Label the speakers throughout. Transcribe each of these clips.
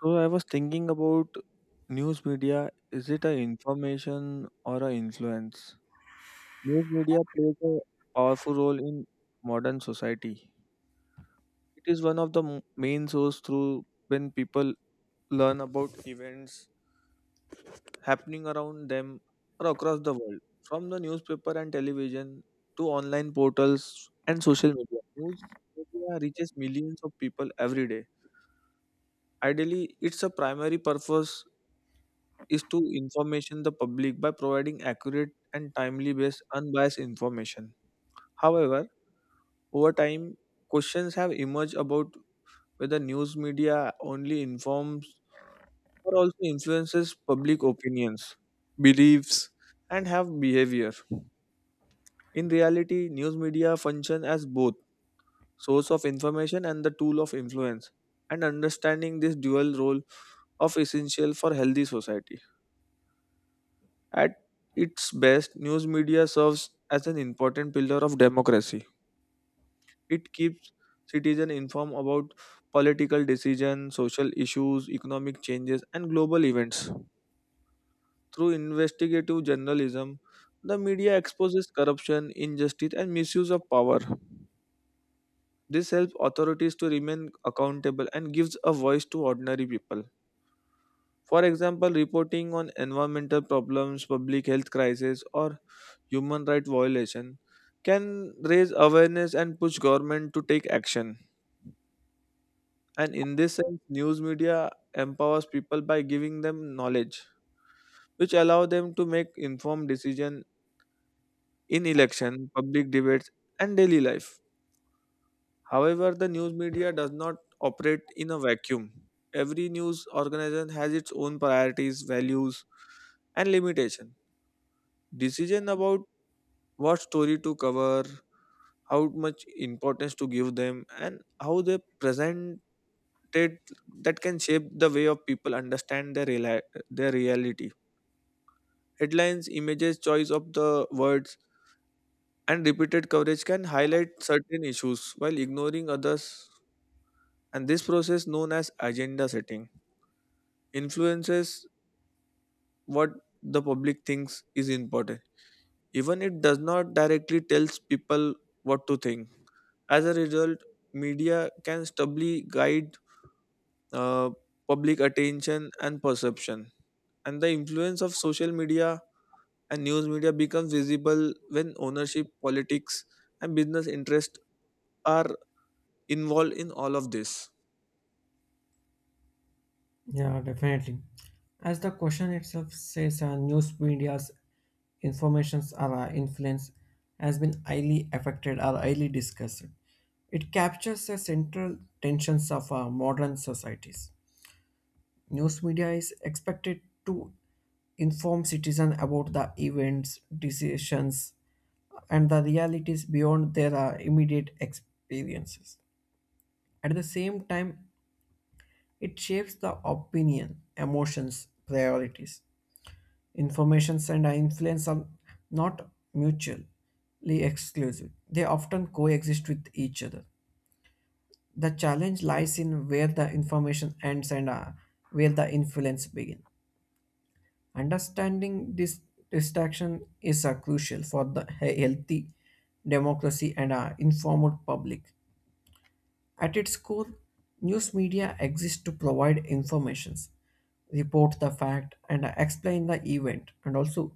Speaker 1: So I was thinking about news media. Is it a information or a influence? News media plays a powerful role in modern society. It is one of the main source through when people learn about events happening around them or across the world. From the newspaper and television to online portals and social media, news media reaches millions of people every day. Ideally, it's a primary purpose is to information the public by providing accurate and timely based unbiased information. However, over time questions have emerged about whether news media only informs or also influences public opinions, beliefs and have behavior. In reality, news media function as both source of information and the tool of influence and understanding this dual role of essential for healthy society. At its best, news media serves as an important pillar of democracy. It keeps citizens informed about political decisions, social issues, economic changes, and global events. Through investigative journalism, the media exposes corruption, injustice, and misuse of power. This helps authorities to remain accountable and gives a voice to ordinary people. For example, reporting on environmental problems, public health crises, or human rights violation can raise awareness and push government to take action. And in this sense, news media empowers people by giving them knowledge, which allow them to make informed decision in election, public debates, and daily life. However, the news media does not operate in a vacuum. Every news organization has its own priorities, values, and limitation. Decision about what story to cover, how much importance to give them and how they present it that can shape the way of people understand their their reality. Headlines, images, choice of the words and repeated coverage can highlight certain issues while ignoring others, and this process known as agenda setting influences what the public thinks is important, even it does not directly tells people what to think. As a result, media can stably guide uh, public attention and perception, and the influence of social media and news media becomes visible when ownership, politics and business interests are involved in all of this.
Speaker 2: Yeah, definitely. As the question itself says, news media's informations or influence has been highly affected or highly discussed. It captures the central tensions of modern societies. News media is expected to inform citizens about the events, decisions, and the realities beyond their immediate experiences. At the same time, it shapes the opinion, emotions, priorities. Informations and influence are not mutually exclusive. They often coexist with each other. The challenge lies in where the information ends and where the influence begins. Understanding this distinction is crucial for the healthy democracy and informed public. At its core, news media exists to provide informations, report the fact, and explain the event, and also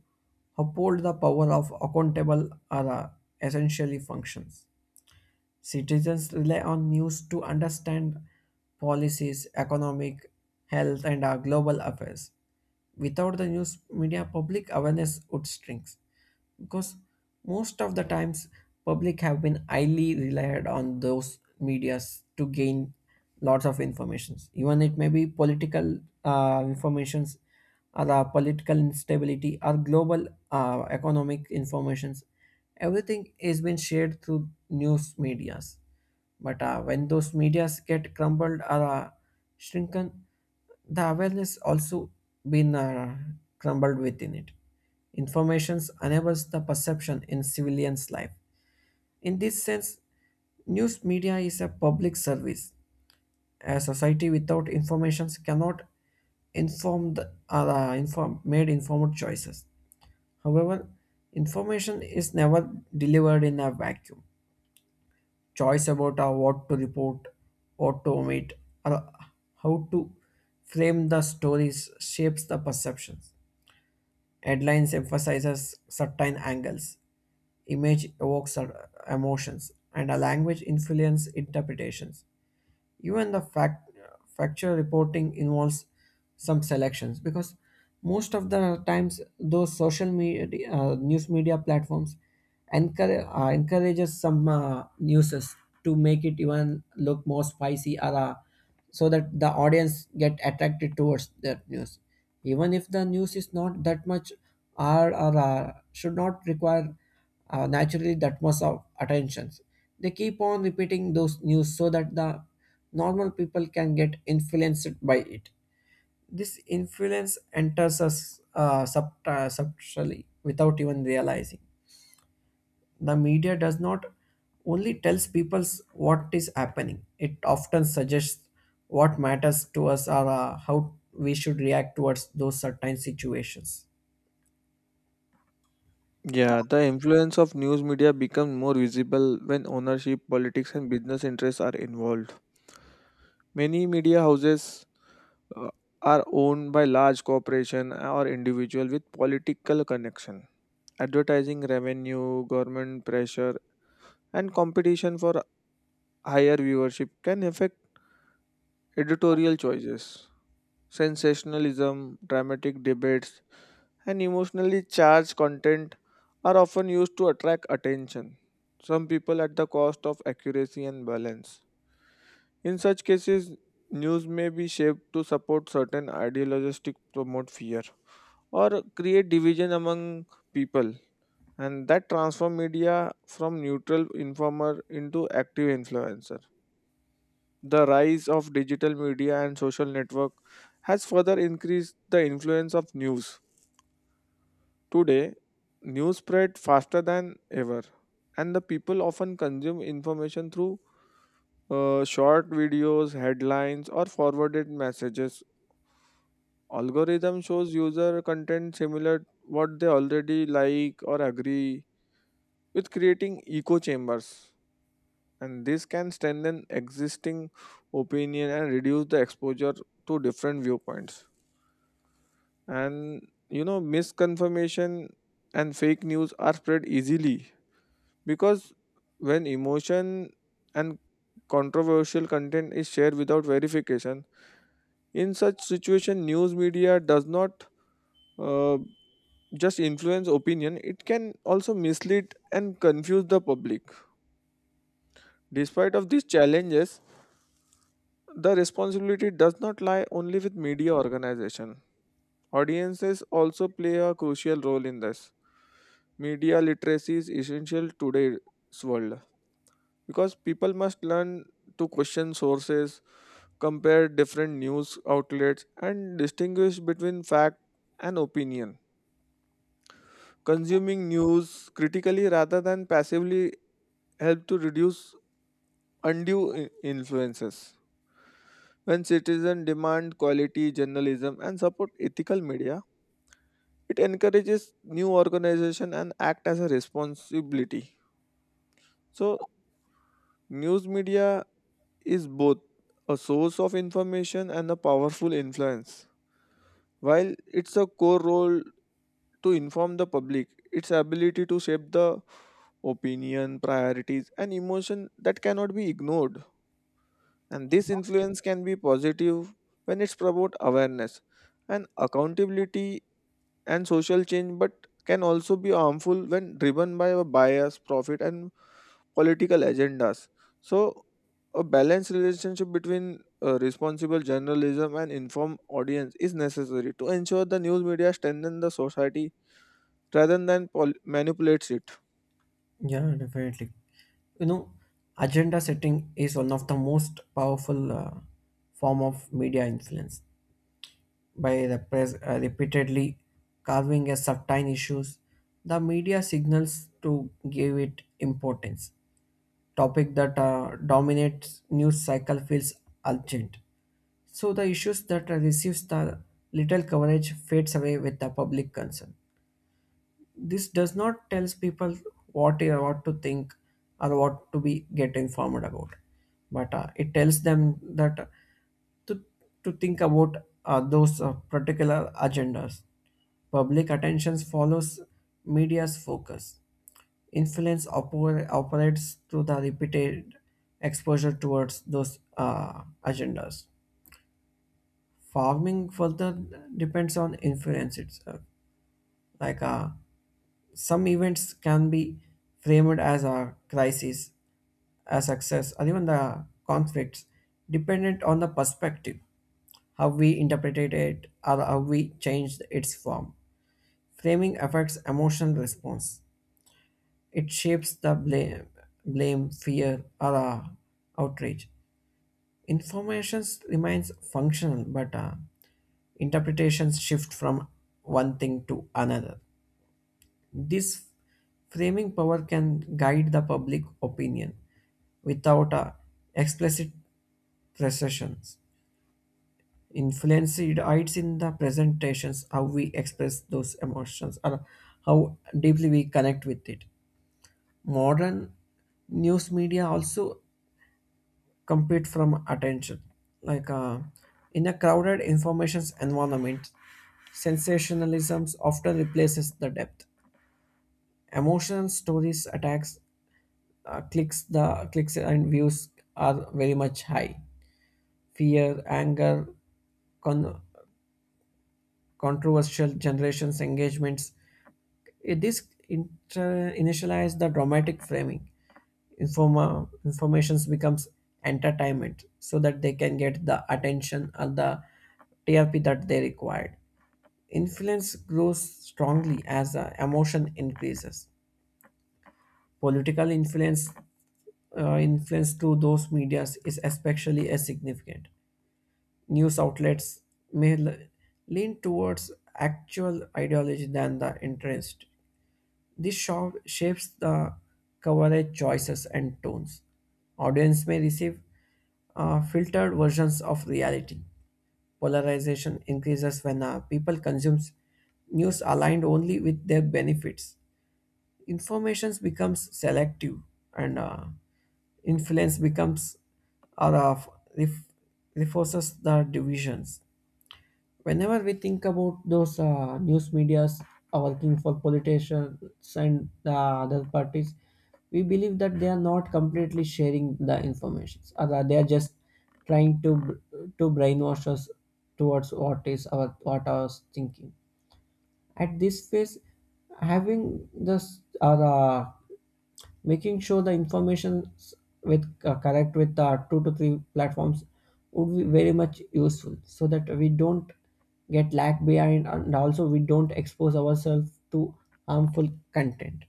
Speaker 2: uphold the power of accountable or essentially functions. Citizens rely on news to understand policies, economic, health, and global affairs. Without the news media, public awareness would shrink because most of the times public have been highly relied on those medias to gain lots of informations. Even it may be political informations, the political instability, or global economic informations. Everything is being shared through news medias. But when those medias get crumbled or shrunken, the awareness also been crumbled within it. Informations enables the perception in civilians' life. In this sense, news media is a public service, a society without information cannot inform the, inform, made informed choices. However, information is never delivered in a vacuum. Choice about what to report, what to omit, or how to frame the stories shapes the perceptions. Headlines emphasizes certain angles, image evokes emotions, and a language influence interpretations. Even the factual reporting involves some selections because most of the times those social media news media platforms encourages some newses to make it even look more spicy or so that the audience get attracted towards that news even if the news is not that much or, should not require naturally that much of attentions. They keep on repeating those news so that the normal people can get influenced by it. This influence enters us subtly without even realizing. The media does not only tells people what is happening. It often suggests what matters to us or how we should react towards those certain situations.
Speaker 1: Yeah, the influence of news media becomes more visible when ownership, politics, and business interests are involved. Many media houses uh, are owned by large corporation or individual with political connection. Advertising revenue, government pressure, and competition for higher viewership can affect editorial choices. Sensationalism, dramatic debates, and emotionally charged content are often used to attract attention, some people at the cost of accuracy and balance. In such cases, news may be shaped to support certain ideologies, promote fear, or create division among people, and that transform media from neutral informer into active influencer. The rise of digital media and social network has further increased the influence of news. Today, news spread faster than ever, and the people often consume information through short videos, headlines, or forwarded messages. Algorithm shows user content similar what they already like or agree with, creating echo chambers, and this can strengthen existing opinion and reduce the exposure to different viewpoints, and you know misconfirmation and fake news are spread easily because when emotion and controversial content is shared without verification. In such situation, news media does not uh, just influence opinion, it can also mislead and confuse the public. Despite of these challenges, the responsibility does not lie only with media organization, audiences also play a crucial role in this. Media literacy is essential today's world because people must learn to question sources, compare different news outlets, and distinguish between fact and opinion. Consuming news critically rather than passively help to reduce undue influences. When citizens demand quality journalism and support ethical media, it encourages new organization and act as a responsibility. So news media is both a source of information and a powerful influence. While it's a core role to inform the public, its ability to shape the opinion, priorities, and emotion that cannot be ignored. And this influence can be positive when it's about awareness and accountability and social change, but can also be harmful when driven by a bias, profit, and political agendas. So, a balanced relationship between responsible journalism and informed audience is necessary to ensure the news media strengthen the society rather than manipulates it.
Speaker 2: Yeah, definitely. You know, agenda setting is one of the most powerful form of media influence. By the press repeatedly carving a certain issues, the media signals to give it importance. Topic that dominates news cycle feels urgent. So the issues that receives the little coverage fades away with the public concern. This does not tells people what they what to think or what to be get informed about, but it tells them that to, to think about those particular agendas. Public attention follows media's focus. Influence operates through the repeated exposure towards those agendas. Farming further depends on influence itself. Like some events can be framed as a crisis, a success, or even the conflicts, dependent on the perspective, how we interpreted it, or how we changed its form. Framing affects emotional response. It shapes the blame, fear, or outrage. Information remains functional, but interpretations shift from one thing to another. This framing power can guide the public opinion without a explicit precisions. Influence hides in the presentations, how we express those emotions or how deeply we connect with it. Modern news media also compete from attention. Like in a crowded information environment, sensationalism often replaces the depth. Emotional stories attacks clicks the clicks and views are very much high. Fear, anger, con- controversial generations engagements, it is initialize the dramatic framing. Informations becomes entertainment so that they can get the attention and the trp that they required. Influence grows strongly as the emotion increases. Political influence through those medias is especially as significant. News outlets may lean towards actual ideology than the interest. This show shapes the coverage choices and tones. Audience may receive filtered versions of reality. Polarization increases when people consumes news aligned only with their benefits. Informations becomes selective and influence becomes or uh, ref, reinforces the divisions. Whenever we think about those news medias are working for politicians and the other parties, we believe that they are not completely sharing the information or they are just trying to brainwash us towards what is our, what our thinking. At this phase, having this or making sure the information with correct with two to three platforms would be very much useful so that we don't get lag behind and also we don't expose ourselves to harmful content.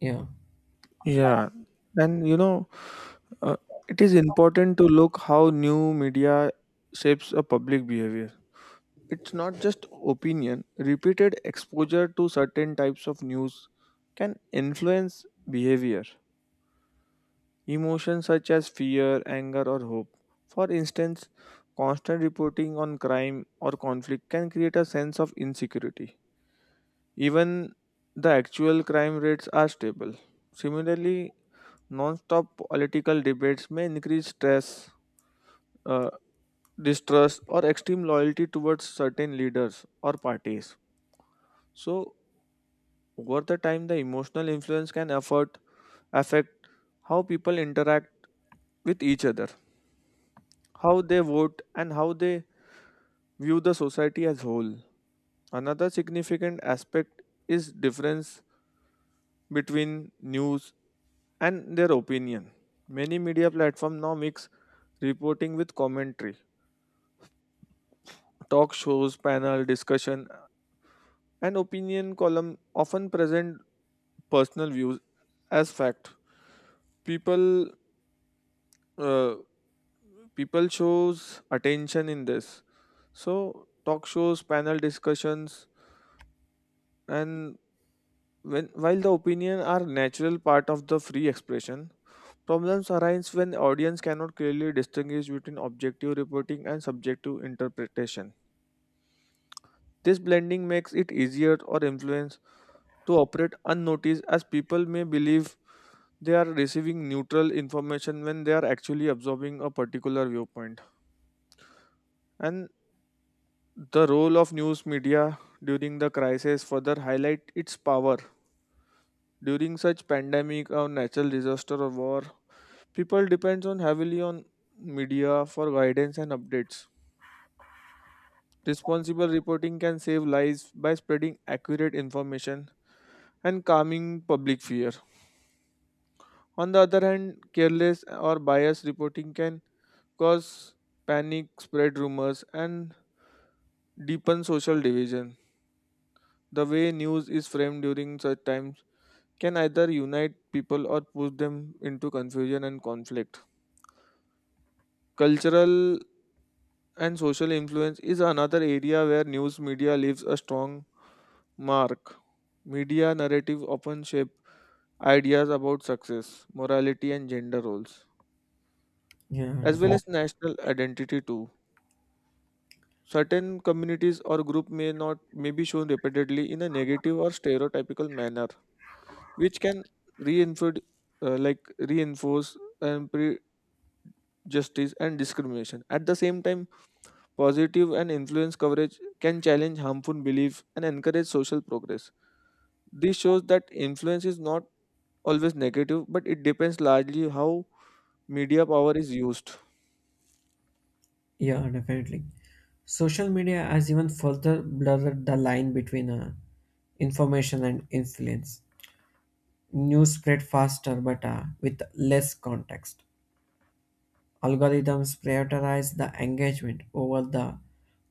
Speaker 2: Yeah.
Speaker 1: Yeah, and you know, uh, it is important to look how new media shapes a public behavior. It's not just opinion. Repeated exposure to certain types of news can influence behavior. Emotions such as fear, anger, or hope. For instance, constant reporting on crime or conflict can create a sense of insecurity, even the actual crime rates are stable. Similarly, non-stop political debates may increase stress, uh, distrust, or extreme loyalty towards certain leaders or parties. So, over the time, the emotional influence can affect how people interact with each other, how they vote, and how they view the society as whole. Another significant aspect is difference between news and their opinion. Many media platforms now mix reporting with commentary. Talk shows, panel discussion, and opinion column often present personal views as fact. People uh, people shows attention in this, so talk shows, panel discussions and when while the opinion are natural part of the free expression, problems arise when audience cannot clearly distinguish between objective reporting and subjective interpretation. This blending makes it easier or influence to operate unnoticed, as people may believe they are receiving neutral information when they are actually absorbing a particular viewpoint. And the role of news media during the crisis further highlight its power. During such pandemic or natural disaster or war, people depends on heavily on media for guidance and updates. Responsible reporting can save lives by spreading accurate information and calming public fear. On the other hand, careless or biased reporting can cause panic, spread rumors, and deepen social division. The way news is framed during such times can either unite people or push them into confusion and conflict. Cultural and social influence is another area where news media leaves a strong mark. Media narrative often shape ideas about success, morality, and gender roles,
Speaker 2: Yeah,
Speaker 1: as well
Speaker 2: definitely.
Speaker 1: as national identity too. Certain communities or group may not may be shown repeatedly in a negative or stereotypical manner, which can reinforce, like reinforce and justice and discrimination. At the same time, positive and influence coverage can challenge harmful beliefs and encourage social progress. This shows that influence is not always negative, but it depends largely how media power is used.
Speaker 2: Yeah, definitely, social media has even further blurred the line between information and influence. News spread faster but with less context. Algorithms prioritize the engagement over the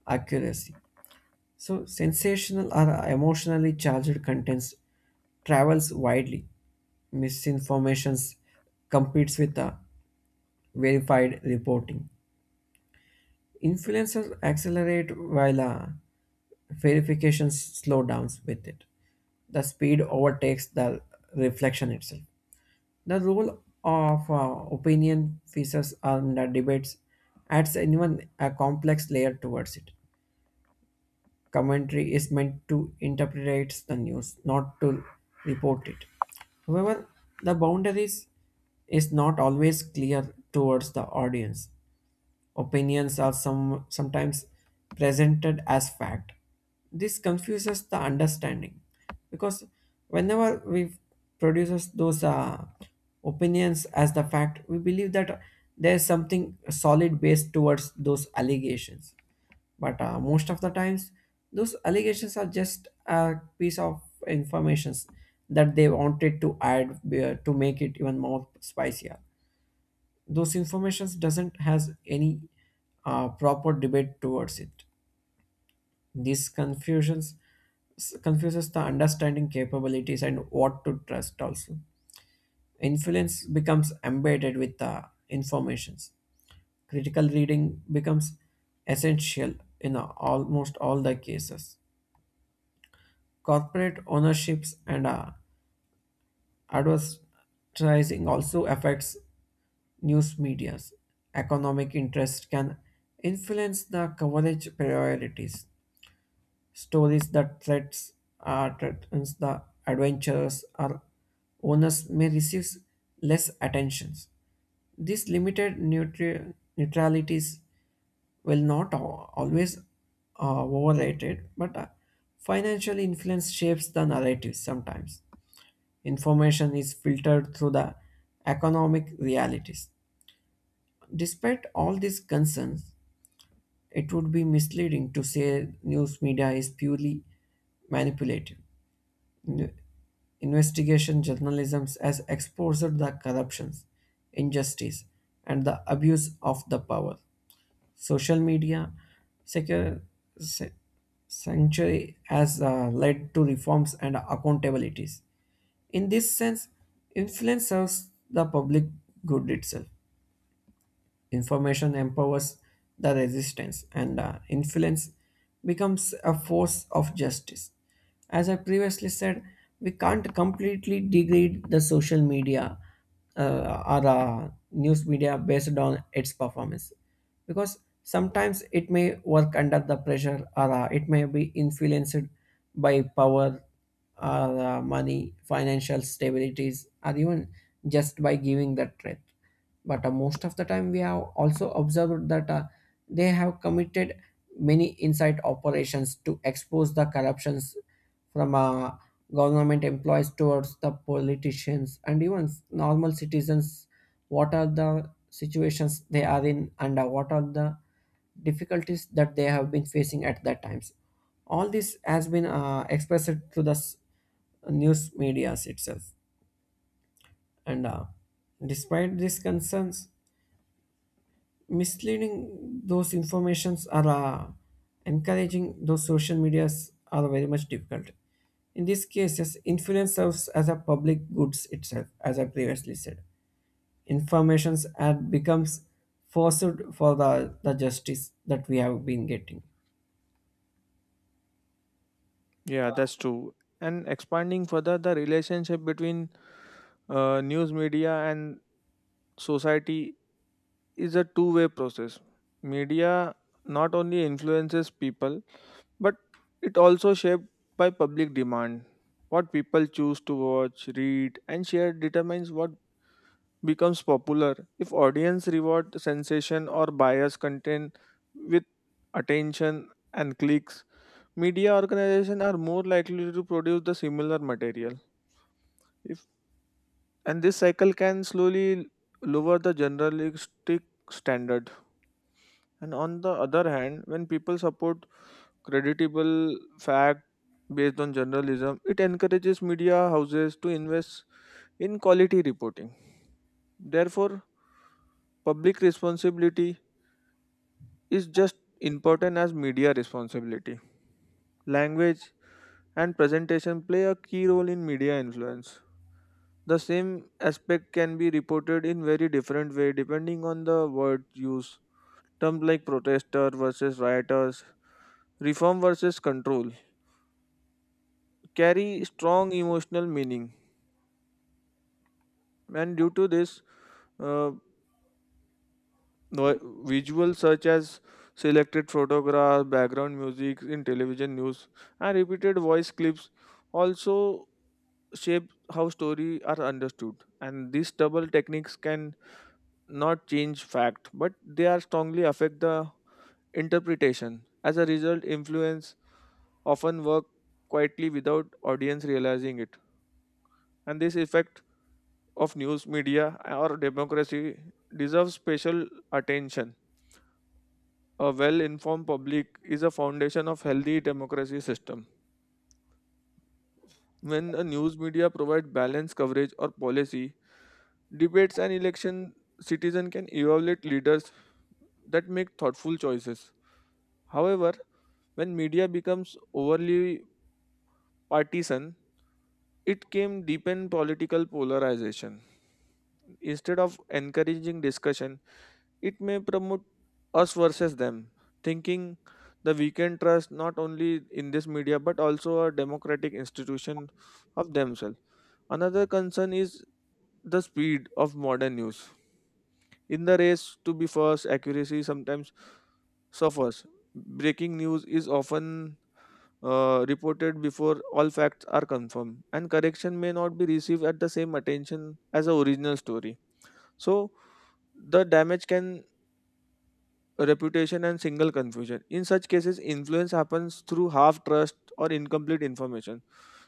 Speaker 2: accuracy. So sensational or emotionally charged contents travels widely. Misinformation competes with the verified reporting. Influencers accelerate while verification slow downs with it. The speed overtakes the reflection itself. The role of opinion pieces and the debates adds an even a complex layer towards it. Commentary is meant to interpret the news, not to report it. However, the boundaries is not always clear towards the audience. Opinions are sometimes presented as fact. This confuses the understanding because whenever we produces those opinions as the fact, we believe that there is something solid base towards those allegations, but most of the times those allegations are just a piece of informations that they wanted to add to make it even more spicier. Those informations doesn't has any proper debate towards it. These confusions confuses the understanding capabilities and what to trust. Also, influence becomes embedded with the informations. Critical reading becomes essential in almost all the cases. Corporate ownerships and advertising also affects news media's economic interest, can influence the coverage priorities. Stories that threats threatens the adventurers or owners may receive less attention. These limited neutralities will not always overrated, but financial influence shapes the narrative sometimes. Information is filtered through the economic realities. Despite all these concerns, it would be misleading to say news media is purely manipulative. In- Investigation journalism has exposed the corruptions, injustice, and the abuse of the power. Social media secure, sa- sanctuary has led to reforms and accountabilities. In this sense, influence serves the public good itself. Information empowers the resistance, and influence becomes a force of justice. As I previously said, we can't completely degrade the social media or news media based on its performance because sometimes it may work under the pressure or it may be influenced by power or money, financial stabilities, or even just by giving the threat, but most of the time we have also observed that they have committed many inside operations to expose the corruptions from government employees towards the politicians and even normal citizens, what are the situations they are in and what are the difficulties that they have been facing at that times. All this has been expressed through the news medias itself. And despite these concerns, misleading those informations are encouraging those social medias are very much difficult. In these cases, influence serves as a public goods itself, as I previously said. Informations ad becomes forced for the justice that we have been getting.
Speaker 1: Yeah, that's true. And expanding further, the relationship between news media and society is a two-way process. Media not only influences people, but it also shaped by public demand. What people choose to watch, read, and share determines what becomes popular. If audience reward sensation or bias content with attention and clicks, media organizations are more likely to produce the similar material. If and this cycle can slowly lower the journalistic standard. And on the other hand, when people support creditable fact based on journalism, it encourages media houses to invest in quality reporting. Therefore, public responsibility is just important as media responsibility. Language and presentation play a key role in media influence. The same aspect can be reported in very different way depending on the word used. Terms like protester versus rioters, reform versus control carry strong emotional meaning, and due to this uh, vi- visuals such as selected photographs, background music in television news and repeated voice clips also shape how story are understood, and these double techniques can not change fact but they are strongly affect the interpretation. As a result, influence often work quietly without audience realizing it, and this effect of news media or democracy deserves special attention. A well-informed public is a foundation of healthy democracy system. When a news media provide balanced coverage or policy, debates and election, citizen can evaluate leaders that make thoughtful choices. However, when media becomes overly partisan, it came deepen political polarization. Instead of encouraging discussion, it may promote us versus them, thinking the weekend trust not only in this media but also a democratic institution of themselves. Another concern is the speed of modern news. In the race to be first, accuracy sometimes suffers. Breaking news is often reported before all facts are confirmed, and correction may not be received at the same attention as the original story. So, the damage can reputation and single confusion. In such cases, influence happens through half trust or incomplete information.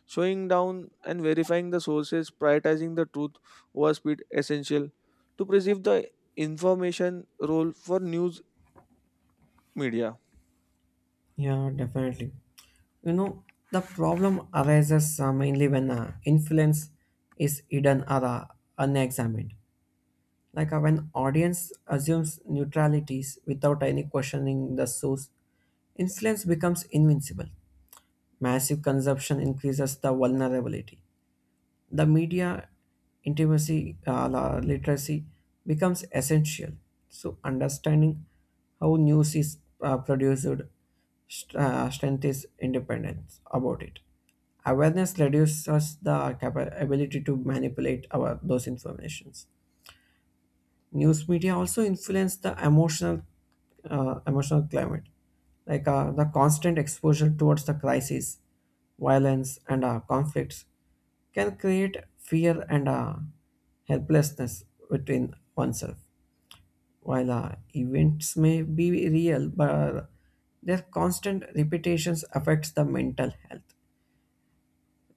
Speaker 1: Showing down and verifying the sources, prioritizing the truth over speed, essential to preserve the information role for news media.
Speaker 2: Yeah, definitely. You know, the problem arises mainly when influence is hidden or unexamined. Like when audience assumes neutralities without any questioning the source, influence becomes invincible. Massive consumption increases the vulnerability. The media intimacy literacy becomes essential. So understanding how news is produced strength is independence about it. Awareness reduces the ability to manipulate our those informations. News media also influence the emotional climate, like the constant exposure towards the crisis, violence, and conflicts can create fear and helplessness within oneself. While events may be real, but their constant repetitions affects the mental health.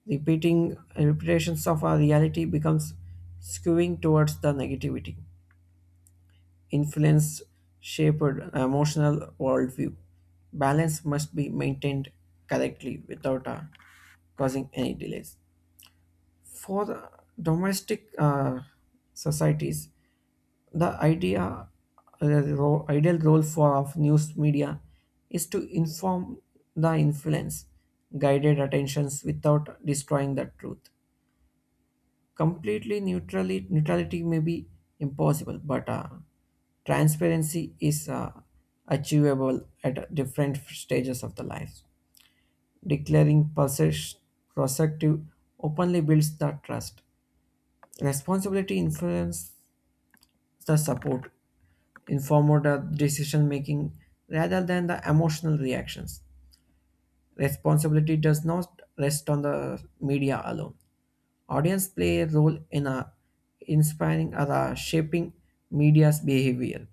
Speaker 2: Repeating Repetitions of our reality becomes skewing towards the negativity. Influence shaped emotional worldview. Balance must be maintained correctly without causing any delays. For the domestic societies, the idea ideal role for of news media is to inform the influence, guided attentions without destroying the truth. Completely neutrality may be impossible, but transparency is achievable at different stages of the life. Declaring possessive openly builds the trust. Responsibility influences the support, informed decision making rather than the emotional reactions. Responsibility does not rest on the media alone. Audience play a role in a inspiring or a shaping media's behavior.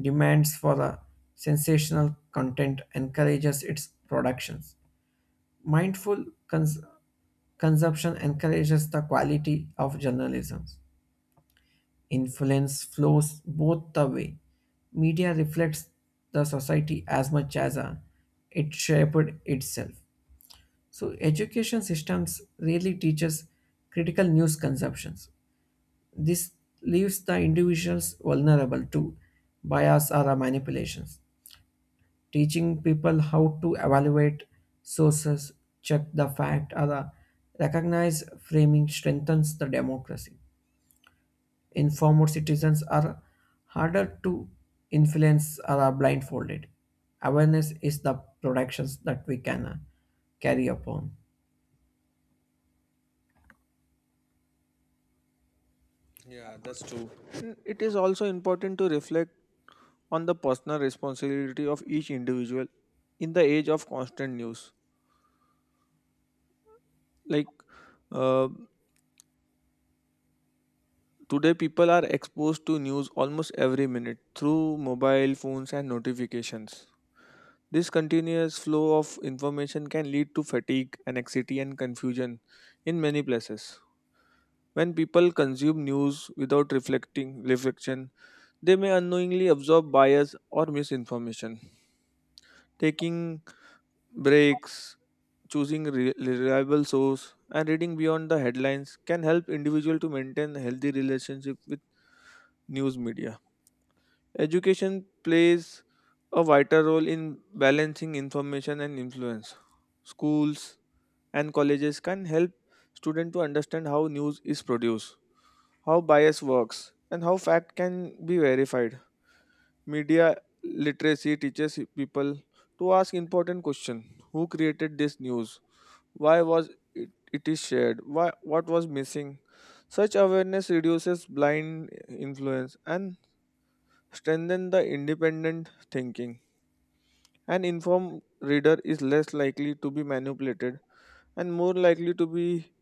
Speaker 2: Demands for a sensational content encourages its productions. Mindful consumption encourages the quality of journalism. Influence flows both the way. Media reflects the society as much as it shaped itself. So education systems really teaches critical news consumptions. This leaves the individuals vulnerable to bias or manipulations. Teaching people how to evaluate sources, check the fact, or recognize framing strengthens the democracy. Informed citizens are harder to influence or are blindfolded. Awareness is the protections that we can carry upon.
Speaker 1: Yeah, that's true. And it is also important to reflect on the personal responsibility of each individual in the age of constant news. Like uh, today, people are exposed to news almost every minute through mobile phones and notifications. This continuous flow of information can lead to fatigue, anxiety, and confusion in many places. When people consume news without reflecting reflection, they may unknowingly absorb bias or misinformation. Taking breaks, choosing reliable source and reading beyond the headlines can help individual to maintain a healthy relationship with news media. Education plays a vital role in balancing information and influence. Schools and colleges can help students to understand how news is produced, how bias works, and how fact can be verified. Media literacy teaches people to ask important questions: who created this news, why was it is shared? Why, what was missing? Such awareness reduces blind influence and strengthens the independent thinking. An informed reader is less likely to be manipulated and more likely to be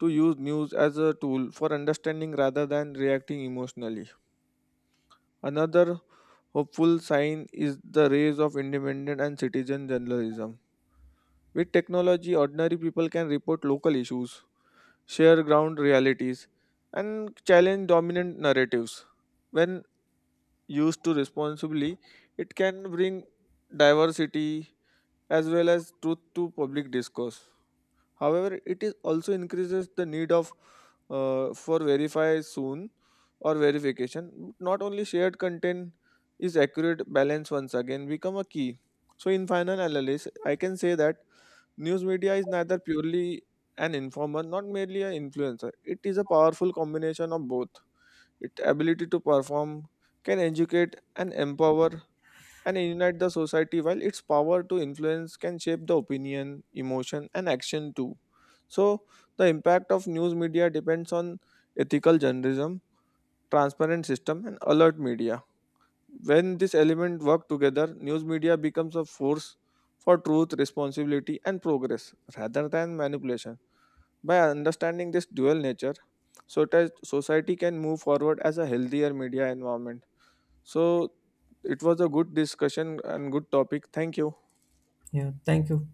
Speaker 1: to use news as a tool for understanding rather than reacting emotionally. Another hopeful sign is the rise of independent and citizen journalism. With technology, ordinary people can report local issues, share ground realities, and challenge dominant narratives. When used to responsibly, it can bring diversity as well as truth to public discourse. However, it is also increases the need of for verify soon or verification. Not only shared content is accurate, balance once again become a key. So in final analysis, I can say that news media is neither purely an informer, not merely an influencer. It is a powerful combination of both. Its ability to perform can educate and empower and unite the society, while its power to influence can shape the opinion, emotion, and action too. So, the impact of news media depends on ethical journalism, transparent system, and alert media. When this element work together, news media becomes a force for truth, responsibility, and progress rather than manipulation. By understanding this dual nature, so that society can move forward as a healthier media environment. So it was a good discussion and good topic. Thank you.
Speaker 2: Yeah, thank you.